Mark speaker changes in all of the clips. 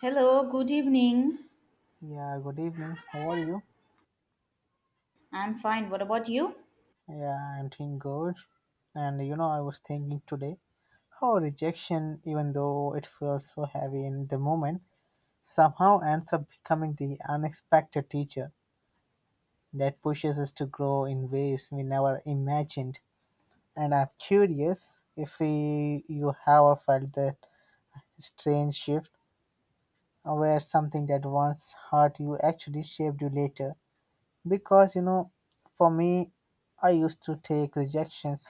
Speaker 1: Hello, good evening.
Speaker 2: Yeah, good evening. How are you?
Speaker 1: I'm fine. What about you?
Speaker 2: Yeah, I'm doing good. And you know, I was thinking today how rejection, even though it feels so heavy in the moment, somehow ends up becoming the unexpected teacher that pushes us to grow in ways we never imagined. And I'm curious if we, you have felt that strange shift where something that once hurt you actually shaped you later. Because you know, for me, I used to take rejections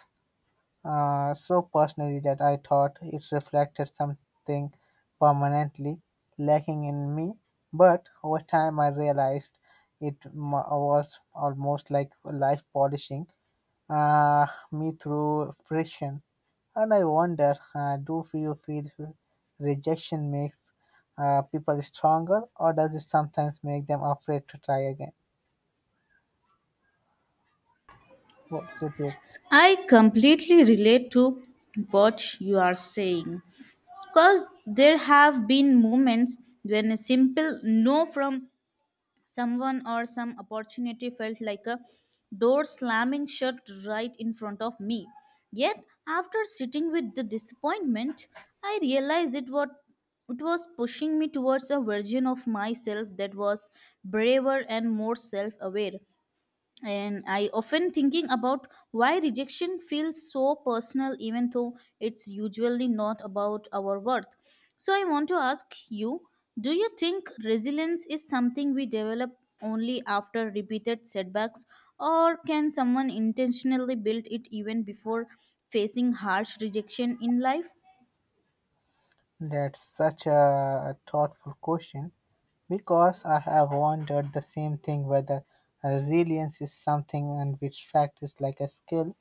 Speaker 2: so personally that I thought it reflected something permanently lacking in me. But over time, I realized was almost like life polishing uh, me through friction. And I wonder do you feel rejection makes people stronger, or does it sometimes make them afraid to try again? What's your take?
Speaker 1: I completely relate to what you are saying because there have been moments when a simple no from someone or some opportunity felt like a door slamming shut right in front of me. Yet, after sitting with the disappointment, I realized it was pushing me towards a version of myself that was braver and more self aware. And I often thinking about why rejection feels so personal even though it's usually not about our worth. So I want to ask you, do you think resilience is something we develop only after repeated setbacks, or can someone intentionally build it even before facing harsh rejection in life?
Speaker 2: That's such a thoughtful question because I have wondered the same thing whether resilience is something and which practice like a skill,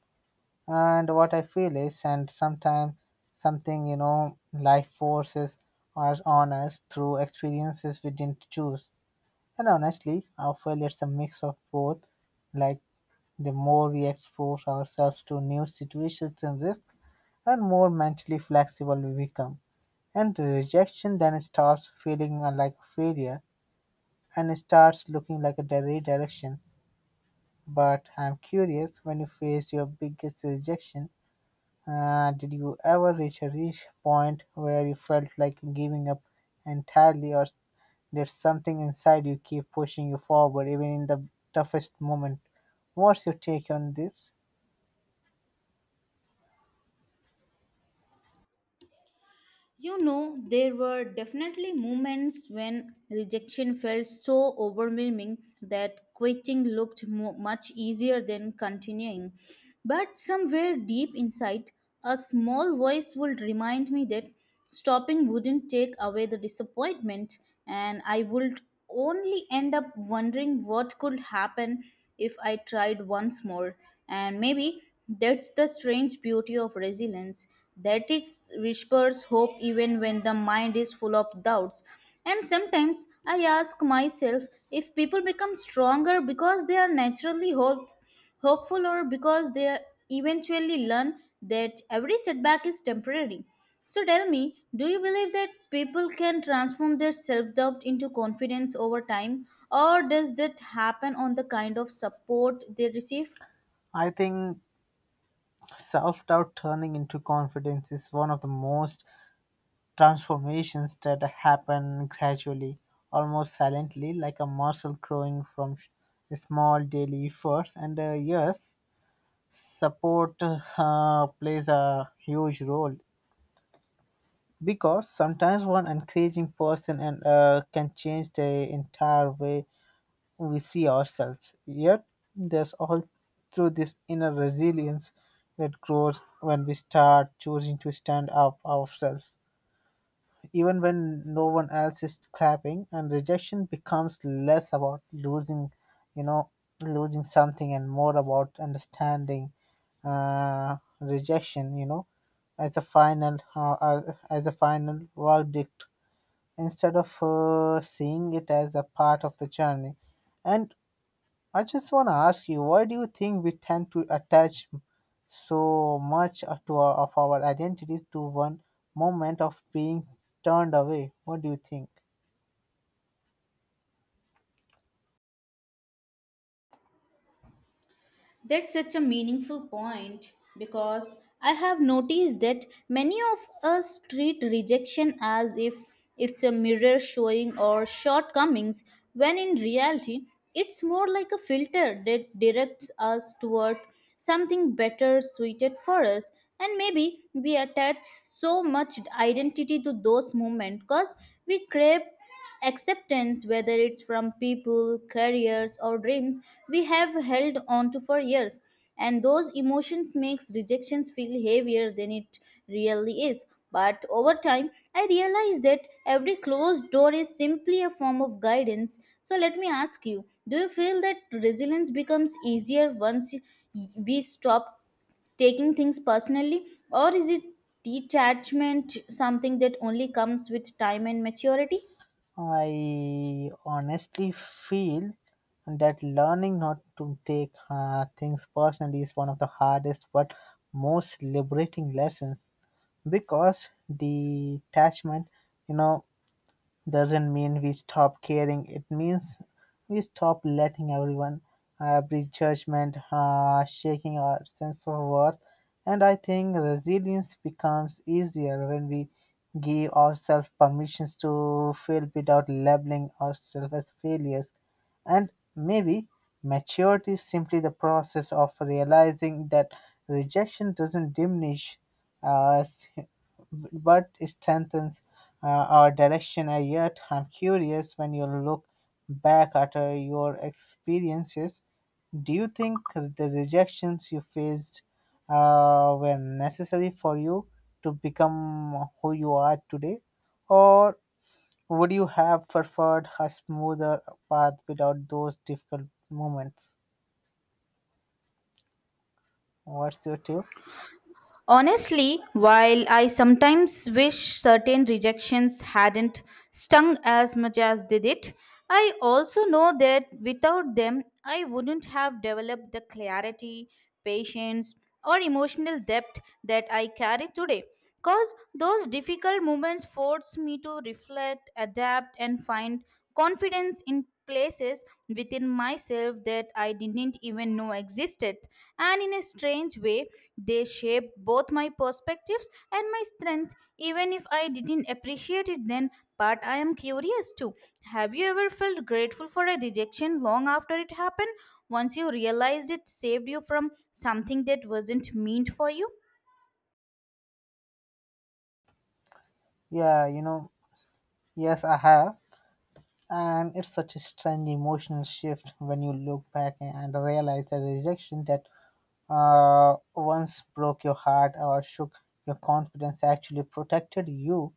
Speaker 2: and what I feel is and sometimes something, you know, life forces us on us through experiences we didn't choose. And honestly, I feel it's a mix of both. Like the more we expose ourselves to new situations and risks, and more mentally flexible we become. And the rejection then stops feeling like a failure and starts looking like a redirection. But I'm curious, when you faced your biggest rejection, did you ever reach a reach point where you felt like giving up entirely, or there's something inside you keep pushing you forward even in the toughest moment? What's your take on this?
Speaker 1: You know, there were definitely moments when rejection felt so overwhelming that quitting looked much easier than continuing. But somewhere deep inside, a small voice would remind me that stopping wouldn't take away the disappointment and I would only end up wondering what could happen if I tried once more. And maybe that's the strange beauty of resilience, that is whispers hope even when the mind is full of doubts. And sometimes I ask myself if people become stronger because they are naturally hopeful, or because they eventually learn that every setback is temporary. So tell me, do you believe that people can transform their self doubt into confidence over time, or does that happen on the kind of support they receive?
Speaker 2: I think self doubt turning into confidence is one of the most transformations that happen gradually, almost silently, like a muscle growing from small daily efforts. And yes, support plays a huge role because sometimes one encouraging person and can change the entire way we see ourselves. Yet there's also this inner resilience that grows when we start choosing to stand up ourselves, even when no one else is clapping, and rejection becomes less about losing, you know, losing something, and more about understanding rejection, you know, as a final verdict instead of seeing it as a part of the journey. And I just want to ask you, why do you think we tend to attach so much to our, of our identity to one moment of being turned away? What do you think?
Speaker 1: That's such a meaningful point because I have noticed that many of us treat rejection as if it's a mirror showing our shortcomings, when in reality, it's more like a filter that directs us toward something better suited for us. And maybe we attach so much identity to those moments because we crave acceptance, whether it's from people, careers, or dreams we have held on to for years. And those emotions makes rejections feel heavier than it really is. But over time, I realized that every closed door is simply a form of guidance. So let me ask you, do you feel that resilience becomes easier once we stop taking things personally, or is it detachment something that only comes with time and maturity?
Speaker 2: I honestly feel that learning not to take things personally is one of the hardest but most liberating lessons, because detachment, you know, doesn't mean we stop caring, it means we stop letting everyone, every judgment, shaking our sense of worth. And I think resilience becomes easier when we give ourselves permissions to fail without labeling ourselves as failures. And maybe maturity is simply the process of realizing that rejection doesn't diminish us but strengthens our direction. And yet, I'm curious, when you look back at your experiences, do you think the rejections you faced were necessary for you to become who you are today? Or would you have preferred a smoother path without those difficult moments? What's your tip?
Speaker 1: Honestly, while I sometimes wish certain rejections hadn't stung as much as they did, I also know that without them, I wouldn't have developed the clarity, patience, or emotional depth that I carry today. Because those difficult moments force me to reflect, adapt, and find confidence in places within myself that I didn't even know existed. And in a strange way, they shaped both my perspectives and my strength, even if I didn't appreciate it then. But I am curious too. Have you ever felt grateful for a rejection long after it happened? Once you realized it saved you from something that wasn't meant for you?
Speaker 2: Yeah, you know, yes, I have. And it's such a strange emotional shift when you look back and realize the rejection that once broke your heart or shook your confidence actually protected you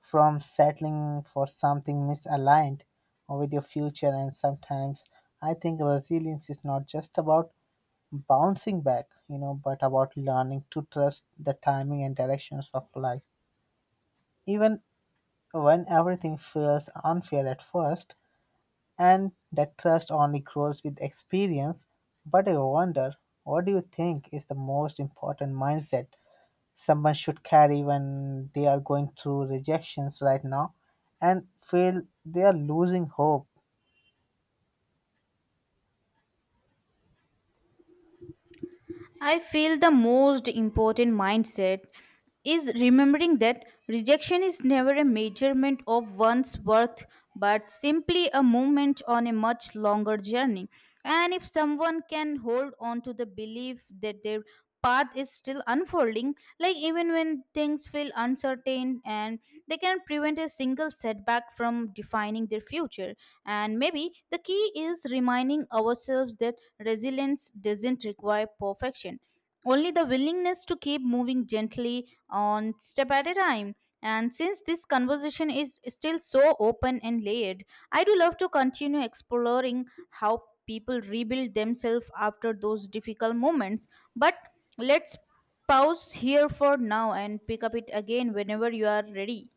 Speaker 2: from settling for something misaligned with your future. And sometimes I think resilience is not just about bouncing back, you know, but about learning to trust the timing and directions of life, even when everything feels unfair at first. And that trust only grows with experience. But I wonder, what do you think is the most important mindset someone should carry when they are going through rejections right now and feel they are losing hope?
Speaker 1: I feel the most important mindset is remembering that rejection is never a measurement of one's worth, but simply a moment on a much longer journey. And if someone can hold on to the belief that their path is still unfolding, like even when things feel uncertain, and they can prevent a single setback from defining their future. And maybe the key is reminding ourselves that resilience doesn't require perfection, only the willingness to keep moving gently on step at a time. And since this conversation is still so open and layered, I do love to continue exploring how people rebuild themselves after those difficult moments. But let's pause here for now and pick up it again whenever you are ready.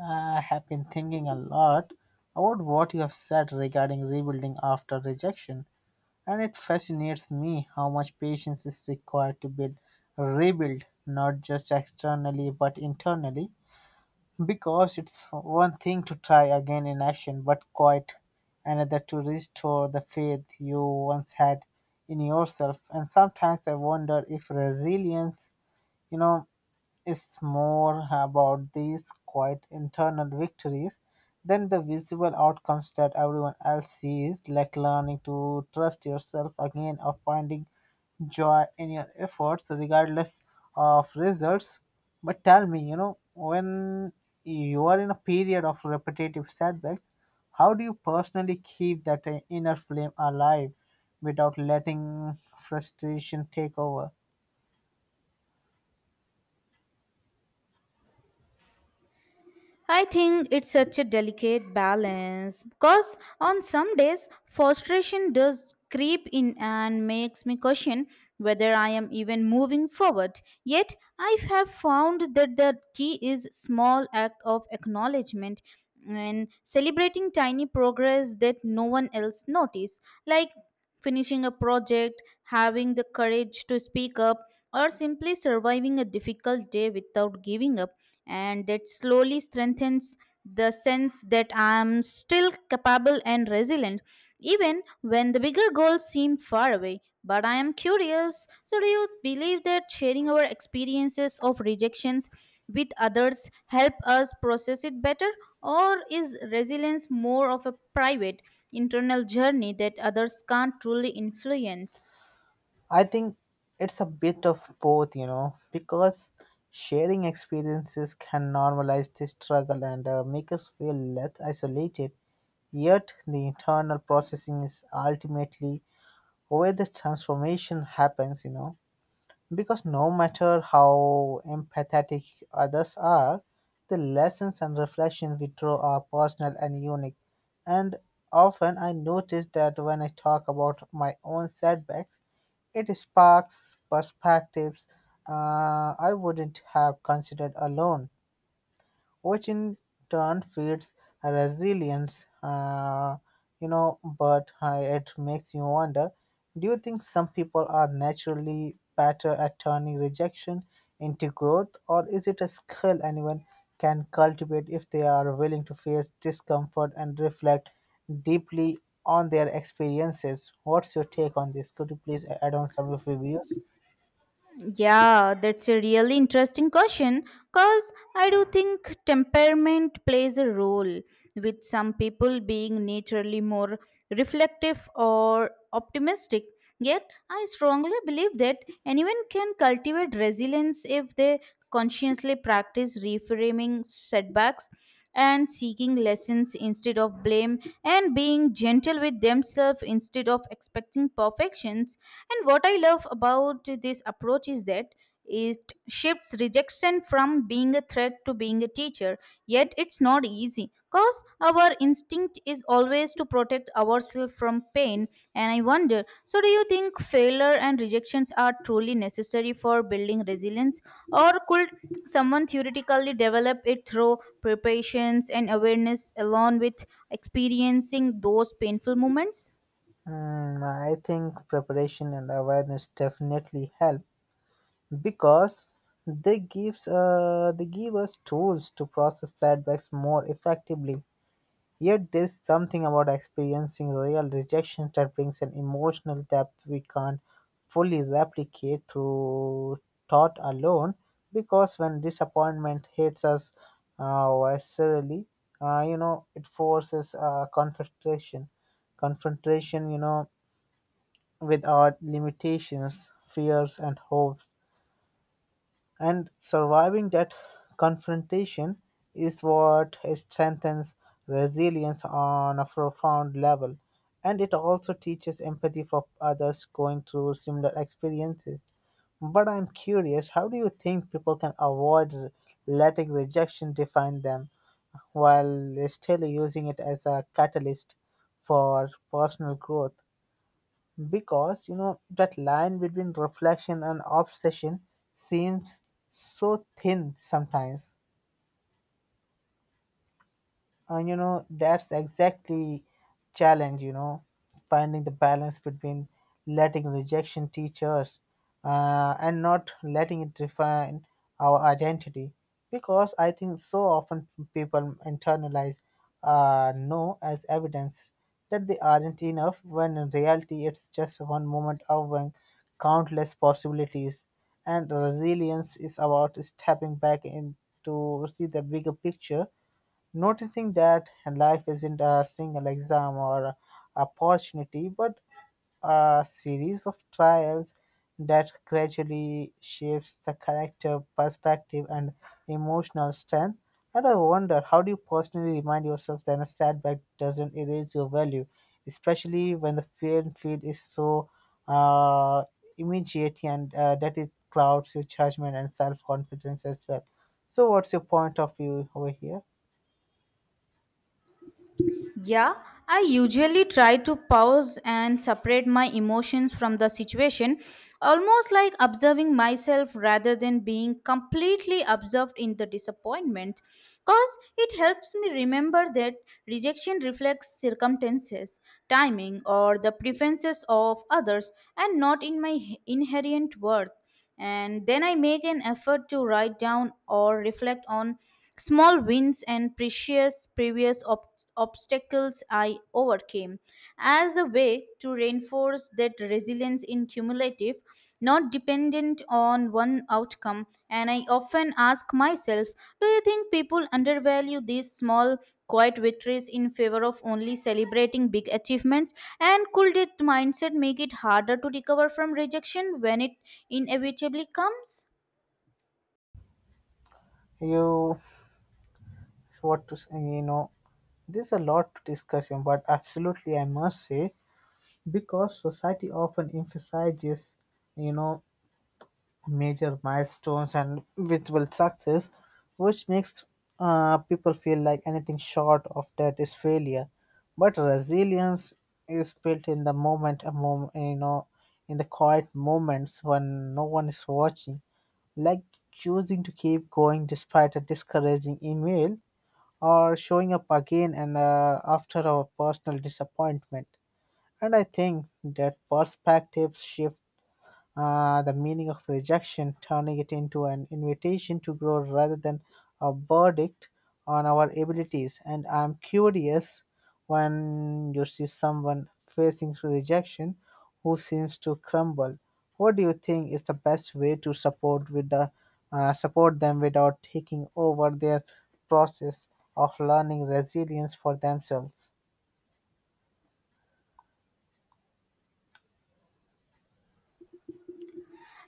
Speaker 2: Ah, I have been thinking a lot about what you have said regarding rebuilding after rejection. And it fascinates me how much patience is required to build rebuild, not just externally but internally. Because it's one thing to try again in action, but quite another to restore the faith you once had in yourself. And sometimes I wonder if resilience, you know, is more about these quiet internal victories than the visible outcomes that everyone else sees, like learning to trust yourself again or finding joy in your efforts, regardless of results. But tell me, you know, when you are in a period of repetitive setbacks, how do you personally keep that inner flame alive without letting frustration take over?
Speaker 1: I think it's such a delicate balance because on some days frustration does creep in and makes me question whether I am even moving forward. Yet I have found that the key is small act of acknowledgement and celebrating tiny progress that no one else notice, like finishing a project, having the courage to speak up, or simply surviving a difficult day without giving up. And that slowly strengthens the sense that I am still capable and resilient, even when the bigger goals seem far away. But I am curious. So, do you believe that sharing our experiences of rejections with others help us process it better, or is resilience more of a private, internal journey that others can't truly influence?
Speaker 2: I think it's a bit of both, you know, because sharing experiences can normalize the struggle and make us feel less isolated. Yet the internal processing is ultimately where the transformation happens, you know. Because no matter how empathetic others are, the lessons and reflections we draw are personal and unique. And often I notice that when I talk about my own setbacks, it sparks perspectives I wouldn't have considered alone, which in turn feeds resilience. You know, but it makes you wonder, do you think some people are naturally better at turning rejection into growth, or is it a skill anyone can cultivate if they are willing to face discomfort and reflect deeply on their experiences? What's your take on this? Could you please add on some of your views?
Speaker 1: Yeah, that's a really interesting question because I do think temperament plays a role, with some people being naturally more reflective or optimistic. Yet, I strongly believe that anyone can cultivate resilience if they consciously practice reframing setbacks and seeking lessons instead of blame, and being gentle with themselves instead of expecting perfections. And what I love about this approach is that it shifts rejection from being a threat to being a teacher. Yet it's not easy cause our instinct attempt is always to protect ourselves from pain. And I wonder, so do you think failure and rejections are truly necessary for building resilience, or could someone theoretically develop it through preparations and awareness along with experiencing those painful moments?
Speaker 2: Mm, I think preparation and awareness definitely help, because they give us tools to process setbacks more effectively. Yet there's something about experiencing real rejection that brings an emotional depth we can't fully replicate through thought alone. Because when disappointment hits us viscerally, you know, it forces confrontation, you know, with our limitations, fears, and hopes, and surviving that confrontation is what strengthens resilience on a profound level. And it also teaches empathy for others going through similar experiences. But I'm curious, how do you think people can avoid letting rejection define them while still using it as a catalyst for personal growth? Because you know that line between reflection and obsession seems so thin sometimes. And you know that's exactly challenge, you know, finding the balance between letting rejection teach us and not letting it define our identity, because I think so often people internalize no as evidence that they aren't enough, when in reality it's just one moment among countless possibilities. And resilience is about stepping back in to see the bigger picture, noticing that life isn't a single exam or a opportunity, but a series of trials that gradually shapes the character, perspective, and emotional strength. And I wonder, how do you personally remind yourself that a setback doesn't erase your value, especially when the fear field is so uh, immediate and that it clouds your judgment and self confidence as well? So, what's your point of view over here?
Speaker 1: Yeah, I usually try to pause and separate my emotions from the situation, almost like observing myself rather than being completely absorbed in the disappointment, because it helps me remember that rejection reflects circumstances, timing, or the preferences of others and not in my inherent worth. And then I make an effort to write down or reflect on small wins and precious obstacles I overcame as a way to reinforce that resilience in cumulative, not dependent on one outcome. And I often ask myself, do you think people undervalue these small, quiet victories in favor of only celebrating big achievements? And could that mindset make it harder to recover from rejection when it inevitably comes?
Speaker 2: You, what to say, you know, there's a lot to discuss here, but absolutely, I must say, because society often emphasizes, you know, major milestones and visible success, which makes people feel like anything short of that is failure. But resilience is built in the moment, a moment, you know, in the quiet moments when no one is watching, like choosing to keep going despite a discouraging email or showing up again and after our personal disappointment. And I think that perspective shift the meaning of rejection, turning it into an invitation to grow rather than a verdict on our abilities. And I'm curious, when you see someone facing rejection who seems to crumble. What do you think is the best way to support them without taking over their process of learning resilience for themselves?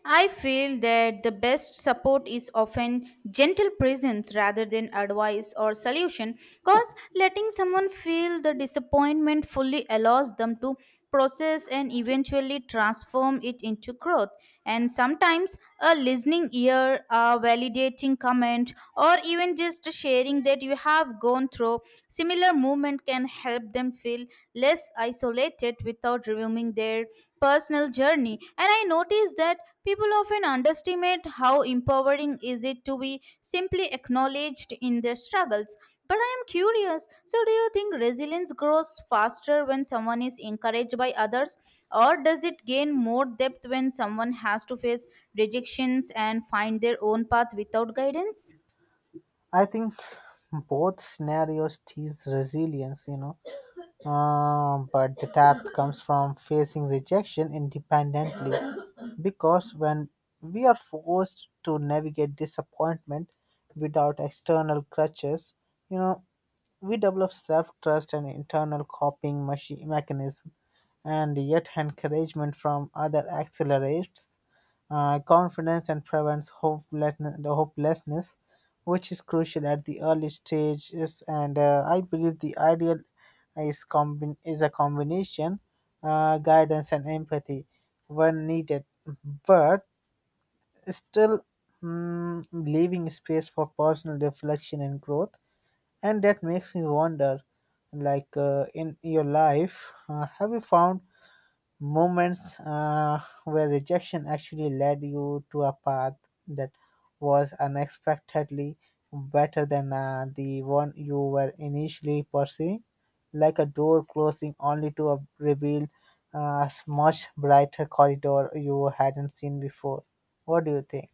Speaker 1: I feel that the best support is often gentle presence rather than advice or solution, because letting someone feel the disappointment fully allows them to process and eventually transform it into growth. And sometimes a listening ear, a validating comment, or even just sharing that you have gone through similar movement can help them feel less isolated without reviewing their personal journey. And I noticed that people often underestimate how empowering is it to be simply acknowledged in their struggles. But I am curious, so do you think resilience grows faster when someone is encouraged by others, or does it gain more depth when someone has to face rejections and find their own path without guidance?
Speaker 2: I think both scenarios teach resilience, you know. But the depth comes from facing rejection independently, because when we are forced to navigate disappointment without external crutches, you know, we develop self-trust and internal coping mechanism, and yet encouragement from other accelerates confidence and prevents hopelessness, which is crucial at the early stages. And I believe the ideal is a combination guidance and empathy when needed, but still, leaving space for personal reflection and growth. And that makes me wonder, in your life, have you found moments where rejection actually led you to a path that was unexpectedly better than the one you were initially pursuing, like a door closing only to reveal a much brighter corridor you hadn't seen before? What do you think?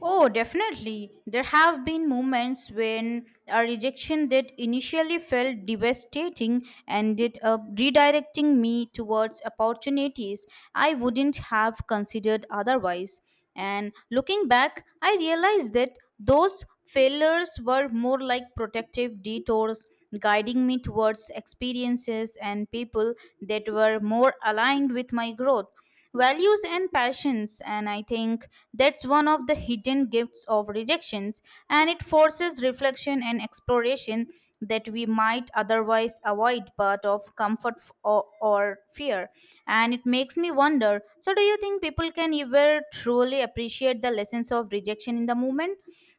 Speaker 1: Oh, definitely. There have been moments when a rejection that initially felt devastating ended up redirecting me towards opportunities I wouldn't have considered otherwise. And looking back, I realized that those failures were more like protective detours guiding me towards experiences and people that were more aligned with my growth, values and passions. And I think that's one of the hidden gifts of rejections, and it forces reflection and exploration that we might otherwise avoid but of or fear. And it makes me wonder, so do you think people can ever truly appreciate the lessons of rejection in the moment,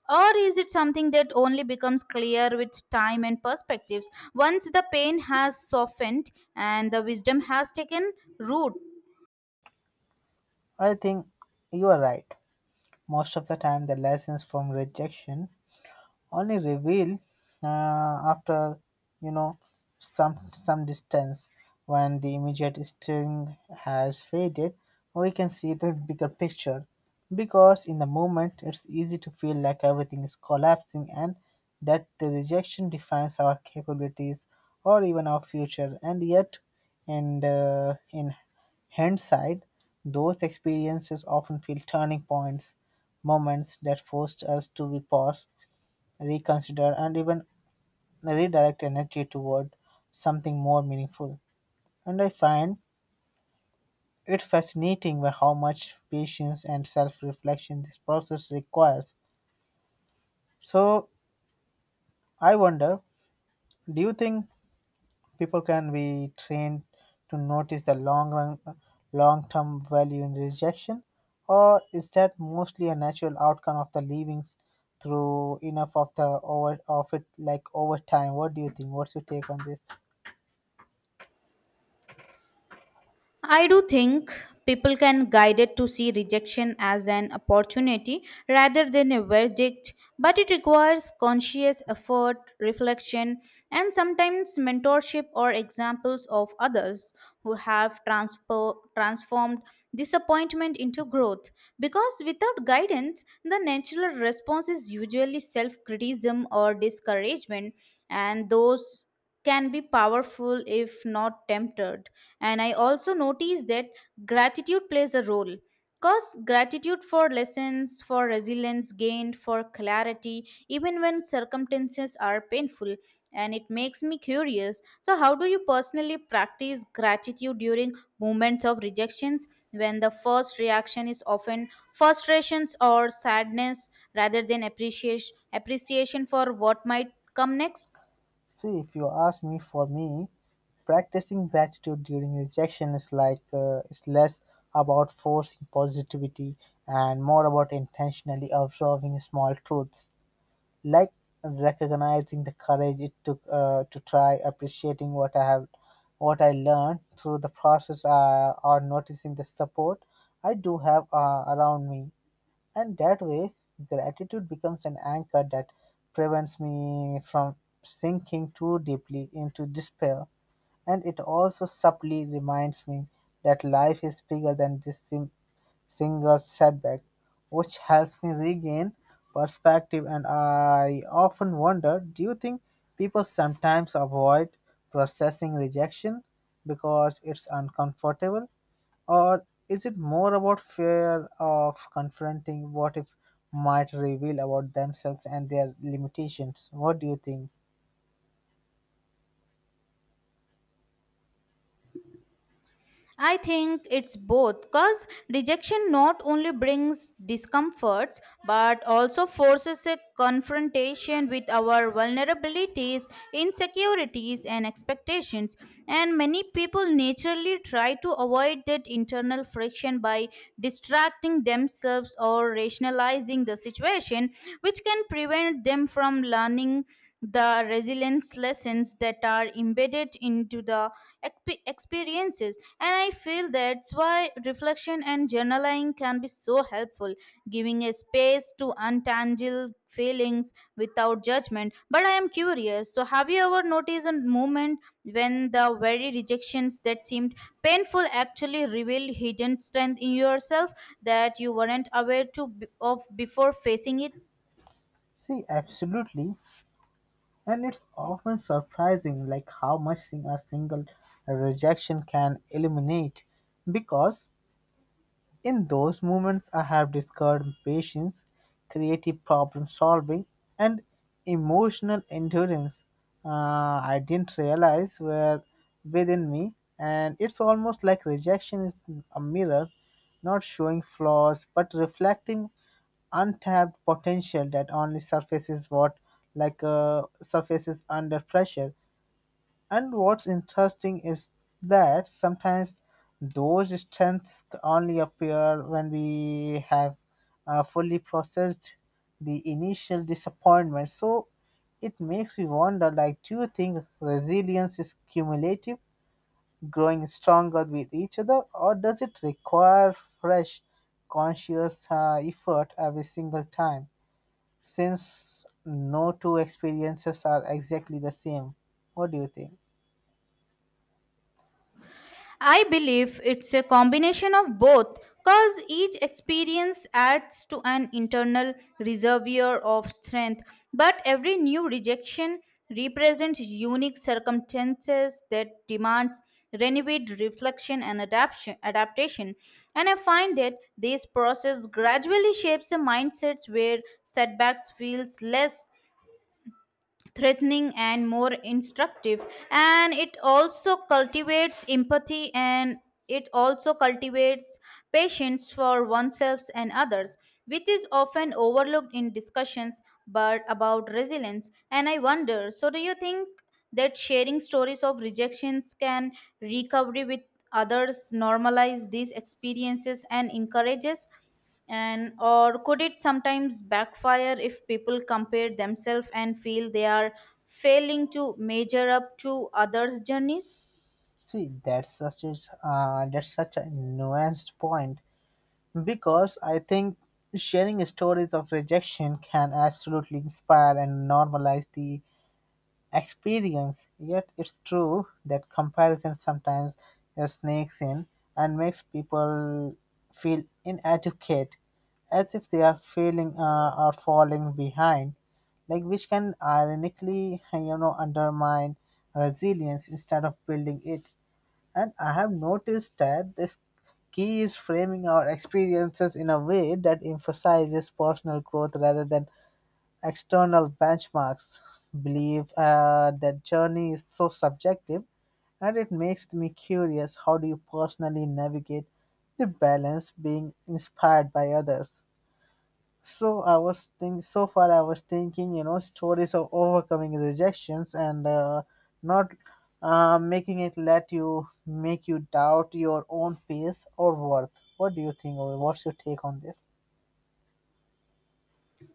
Speaker 1: or is it something that only becomes clear with time and perspectives once the pain has softened and the wisdom has taken root?
Speaker 2: I think you are right. Most of the time the lessons from rejection only reveal after, you know, some distance. When the immediate sting has faded, we can see the bigger picture, because in the moment it's easy to feel like everything is collapsing and that the rejection defines our capabilities or even our future. And in hindsight, those experiences often feel turning points, moments that forced us to pause, reconsider, and even redirect energy toward something more meaningful. And I find it fascinating by how much patience and self reflection this process requires. So I wonder, do you think people can be trained to notice the long term value in rejection, or is that mostly a natural outcome of the living through enough of the over of it, like over time? What do you think? What's your take on this?
Speaker 1: I do think people can guide it to see rejection as an opportunity rather than a verdict, but it requires conscious effort, reflection, and sometimes mentorship or examples of others who have transformed disappointment into growth. Because without guidance, the natural response is usually self criticism or discouragement, and those can be powerful if not tempted. And I also notice that gratitude plays a role. Because gratitude for lessons, for resilience gained, for clarity, even when circumstances are painful. And it makes me curious. So, how do you personally practice gratitude during moments of rejections when the first reaction is often frustrations or sadness rather than appreciation for what might come next?
Speaker 2: See, if you ask me, for me, practicing gratitude during rejection is it's less about forcing positivity and more about intentionally observing small truths, like recognizing the courage it took to try, appreciating what I have, what I learned through the process, or noticing the support I do have around me. And that way, gratitude becomes an anchor that prevents me from sinking too deeply into despair. And it also subtly reminds me that life is bigger than this single setback, which helps me regain perspective. And I often wonder, do you think people sometimes avoid processing rejection because it's uncomfortable? Or is it more about fear of confronting what if might reveal about themselves and their limitations? What do you think?
Speaker 1: I think it's both because rejection not only brings discomforts but also forces a confrontation with our vulnerabilities, insecurities, and expectations. And many people naturally try to avoid that internal friction by distracting themselves or rationalizing the situation, which can prevent them from learning the resilience lessons that are embedded into the experiences. And I feel that's why reflection and journaling can be so helpful, giving a space to untangle feelings without judgment. But I am curious, so have you ever noticed a moment when the very rejections that seemed painful actually revealed hidden strength in yourself that you weren't aware of before facing it?
Speaker 2: See, absolutely. And it's often surprising like how much thing a single rejection can illuminate, because in those moments, I have discovered patience, creative problem solving, and emotional endurance uh, I didn't realize were within me. And it's almost like rejection is a mirror, not showing flaws but reflecting untapped potential that only surfaces under pressure. And what's interesting is that sometimes those strengths only appear when we have fully processed the initial disappointment. So it makes me wonder, like, do you think resilience is cumulative, growing stronger with each other, or does it require fresh conscious effort every single time, since no two experiences are exactly the same? What do you think?
Speaker 1: I believe it's a combination of both, because each experience adds to an internal reservoir of strength, but every new rejection represents unique circumstances that demands renewed reflection and adaptation. And I find that this process gradually shapes the mindsets where setbacks feels less threatening and more instructive. And it also cultivates empathy, and it also cultivates patience for oneself and others, which is often overlooked in discussions but about resilience. And I wonder, so do you think that sharing stories of rejections can recovery with others normalize these experiences and encourages, and or could it sometimes backfire if people compare themselves and feel they are failing to measure up to others journeys?
Speaker 2: See, that's such a nuanced point, because I think sharing stories of rejection can absolutely inspire and normalize the experience. Yet it's true that comparison sometimes snakes in and makes people feel inadequate, as if they are feeling or falling behind, like, which can ironically, you know, undermine resilience instead of building it. And I have noticed that this key is framing our experiences in a way that emphasizes personal growth rather than external benchmarks. Believe that journey is so subjective, and it makes me curious, how do you personally navigate the balance being inspired by others? So I was think so far I was thinking, you know, stories of overcoming rejections and not making it let you make you doubt your own pace or worth. What do you think? Or what's your take on this?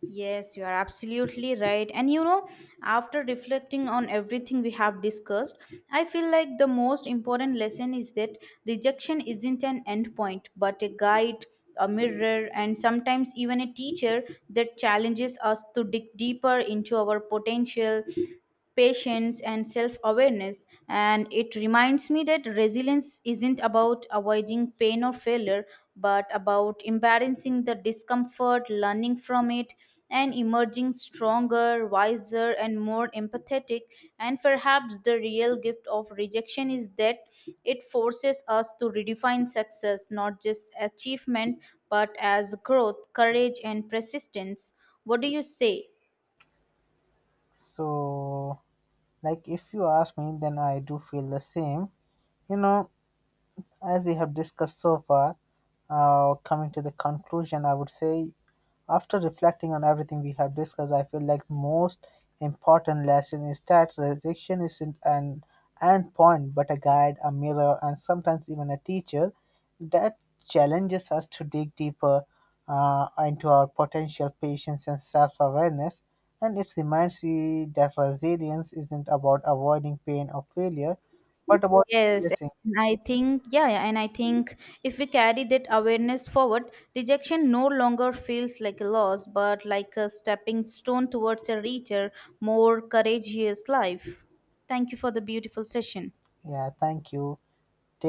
Speaker 1: Yes, you are absolutely right. And you know, after reflecting on everything we have discussed, I feel like the most important lesson is that rejection isn't an end point, but a guide, a mirror, and sometimes even a teacher that challenges us to dig deeper into our potential, patience and self awareness. And it reminds me that resilience isn't about avoiding pain or failure, but about embarrassing the discomfort, learning from it, and emerging stronger, wiser, and more empathetic. And perhaps the real gift of rejection is that it forces us to redefine success not just achievement, but as growth, courage, and persistence. What do you say?
Speaker 2: So, like, if you ask me, then I do feel the same. You know, as we have discussed so far, coming to the conclusion, I would say, after reflecting on everything we have discussed, I feel like most important lesson is that rejection isn't an end point, but a guide, a mirror, and sometimes even a teacher that challenges us to dig deeper into our potential, patience, and self-awareness. And it reminds me that resilience isn't about avoiding pain or failure, but about
Speaker 1: Yes,
Speaker 2: embracing.
Speaker 1: and I think, and I think if we carry that awareness forward, rejection no longer feels like a loss, but like a stepping stone towards a richer, more courageous life. Thank you for the beautiful session.
Speaker 2: Yeah, thank you. Take.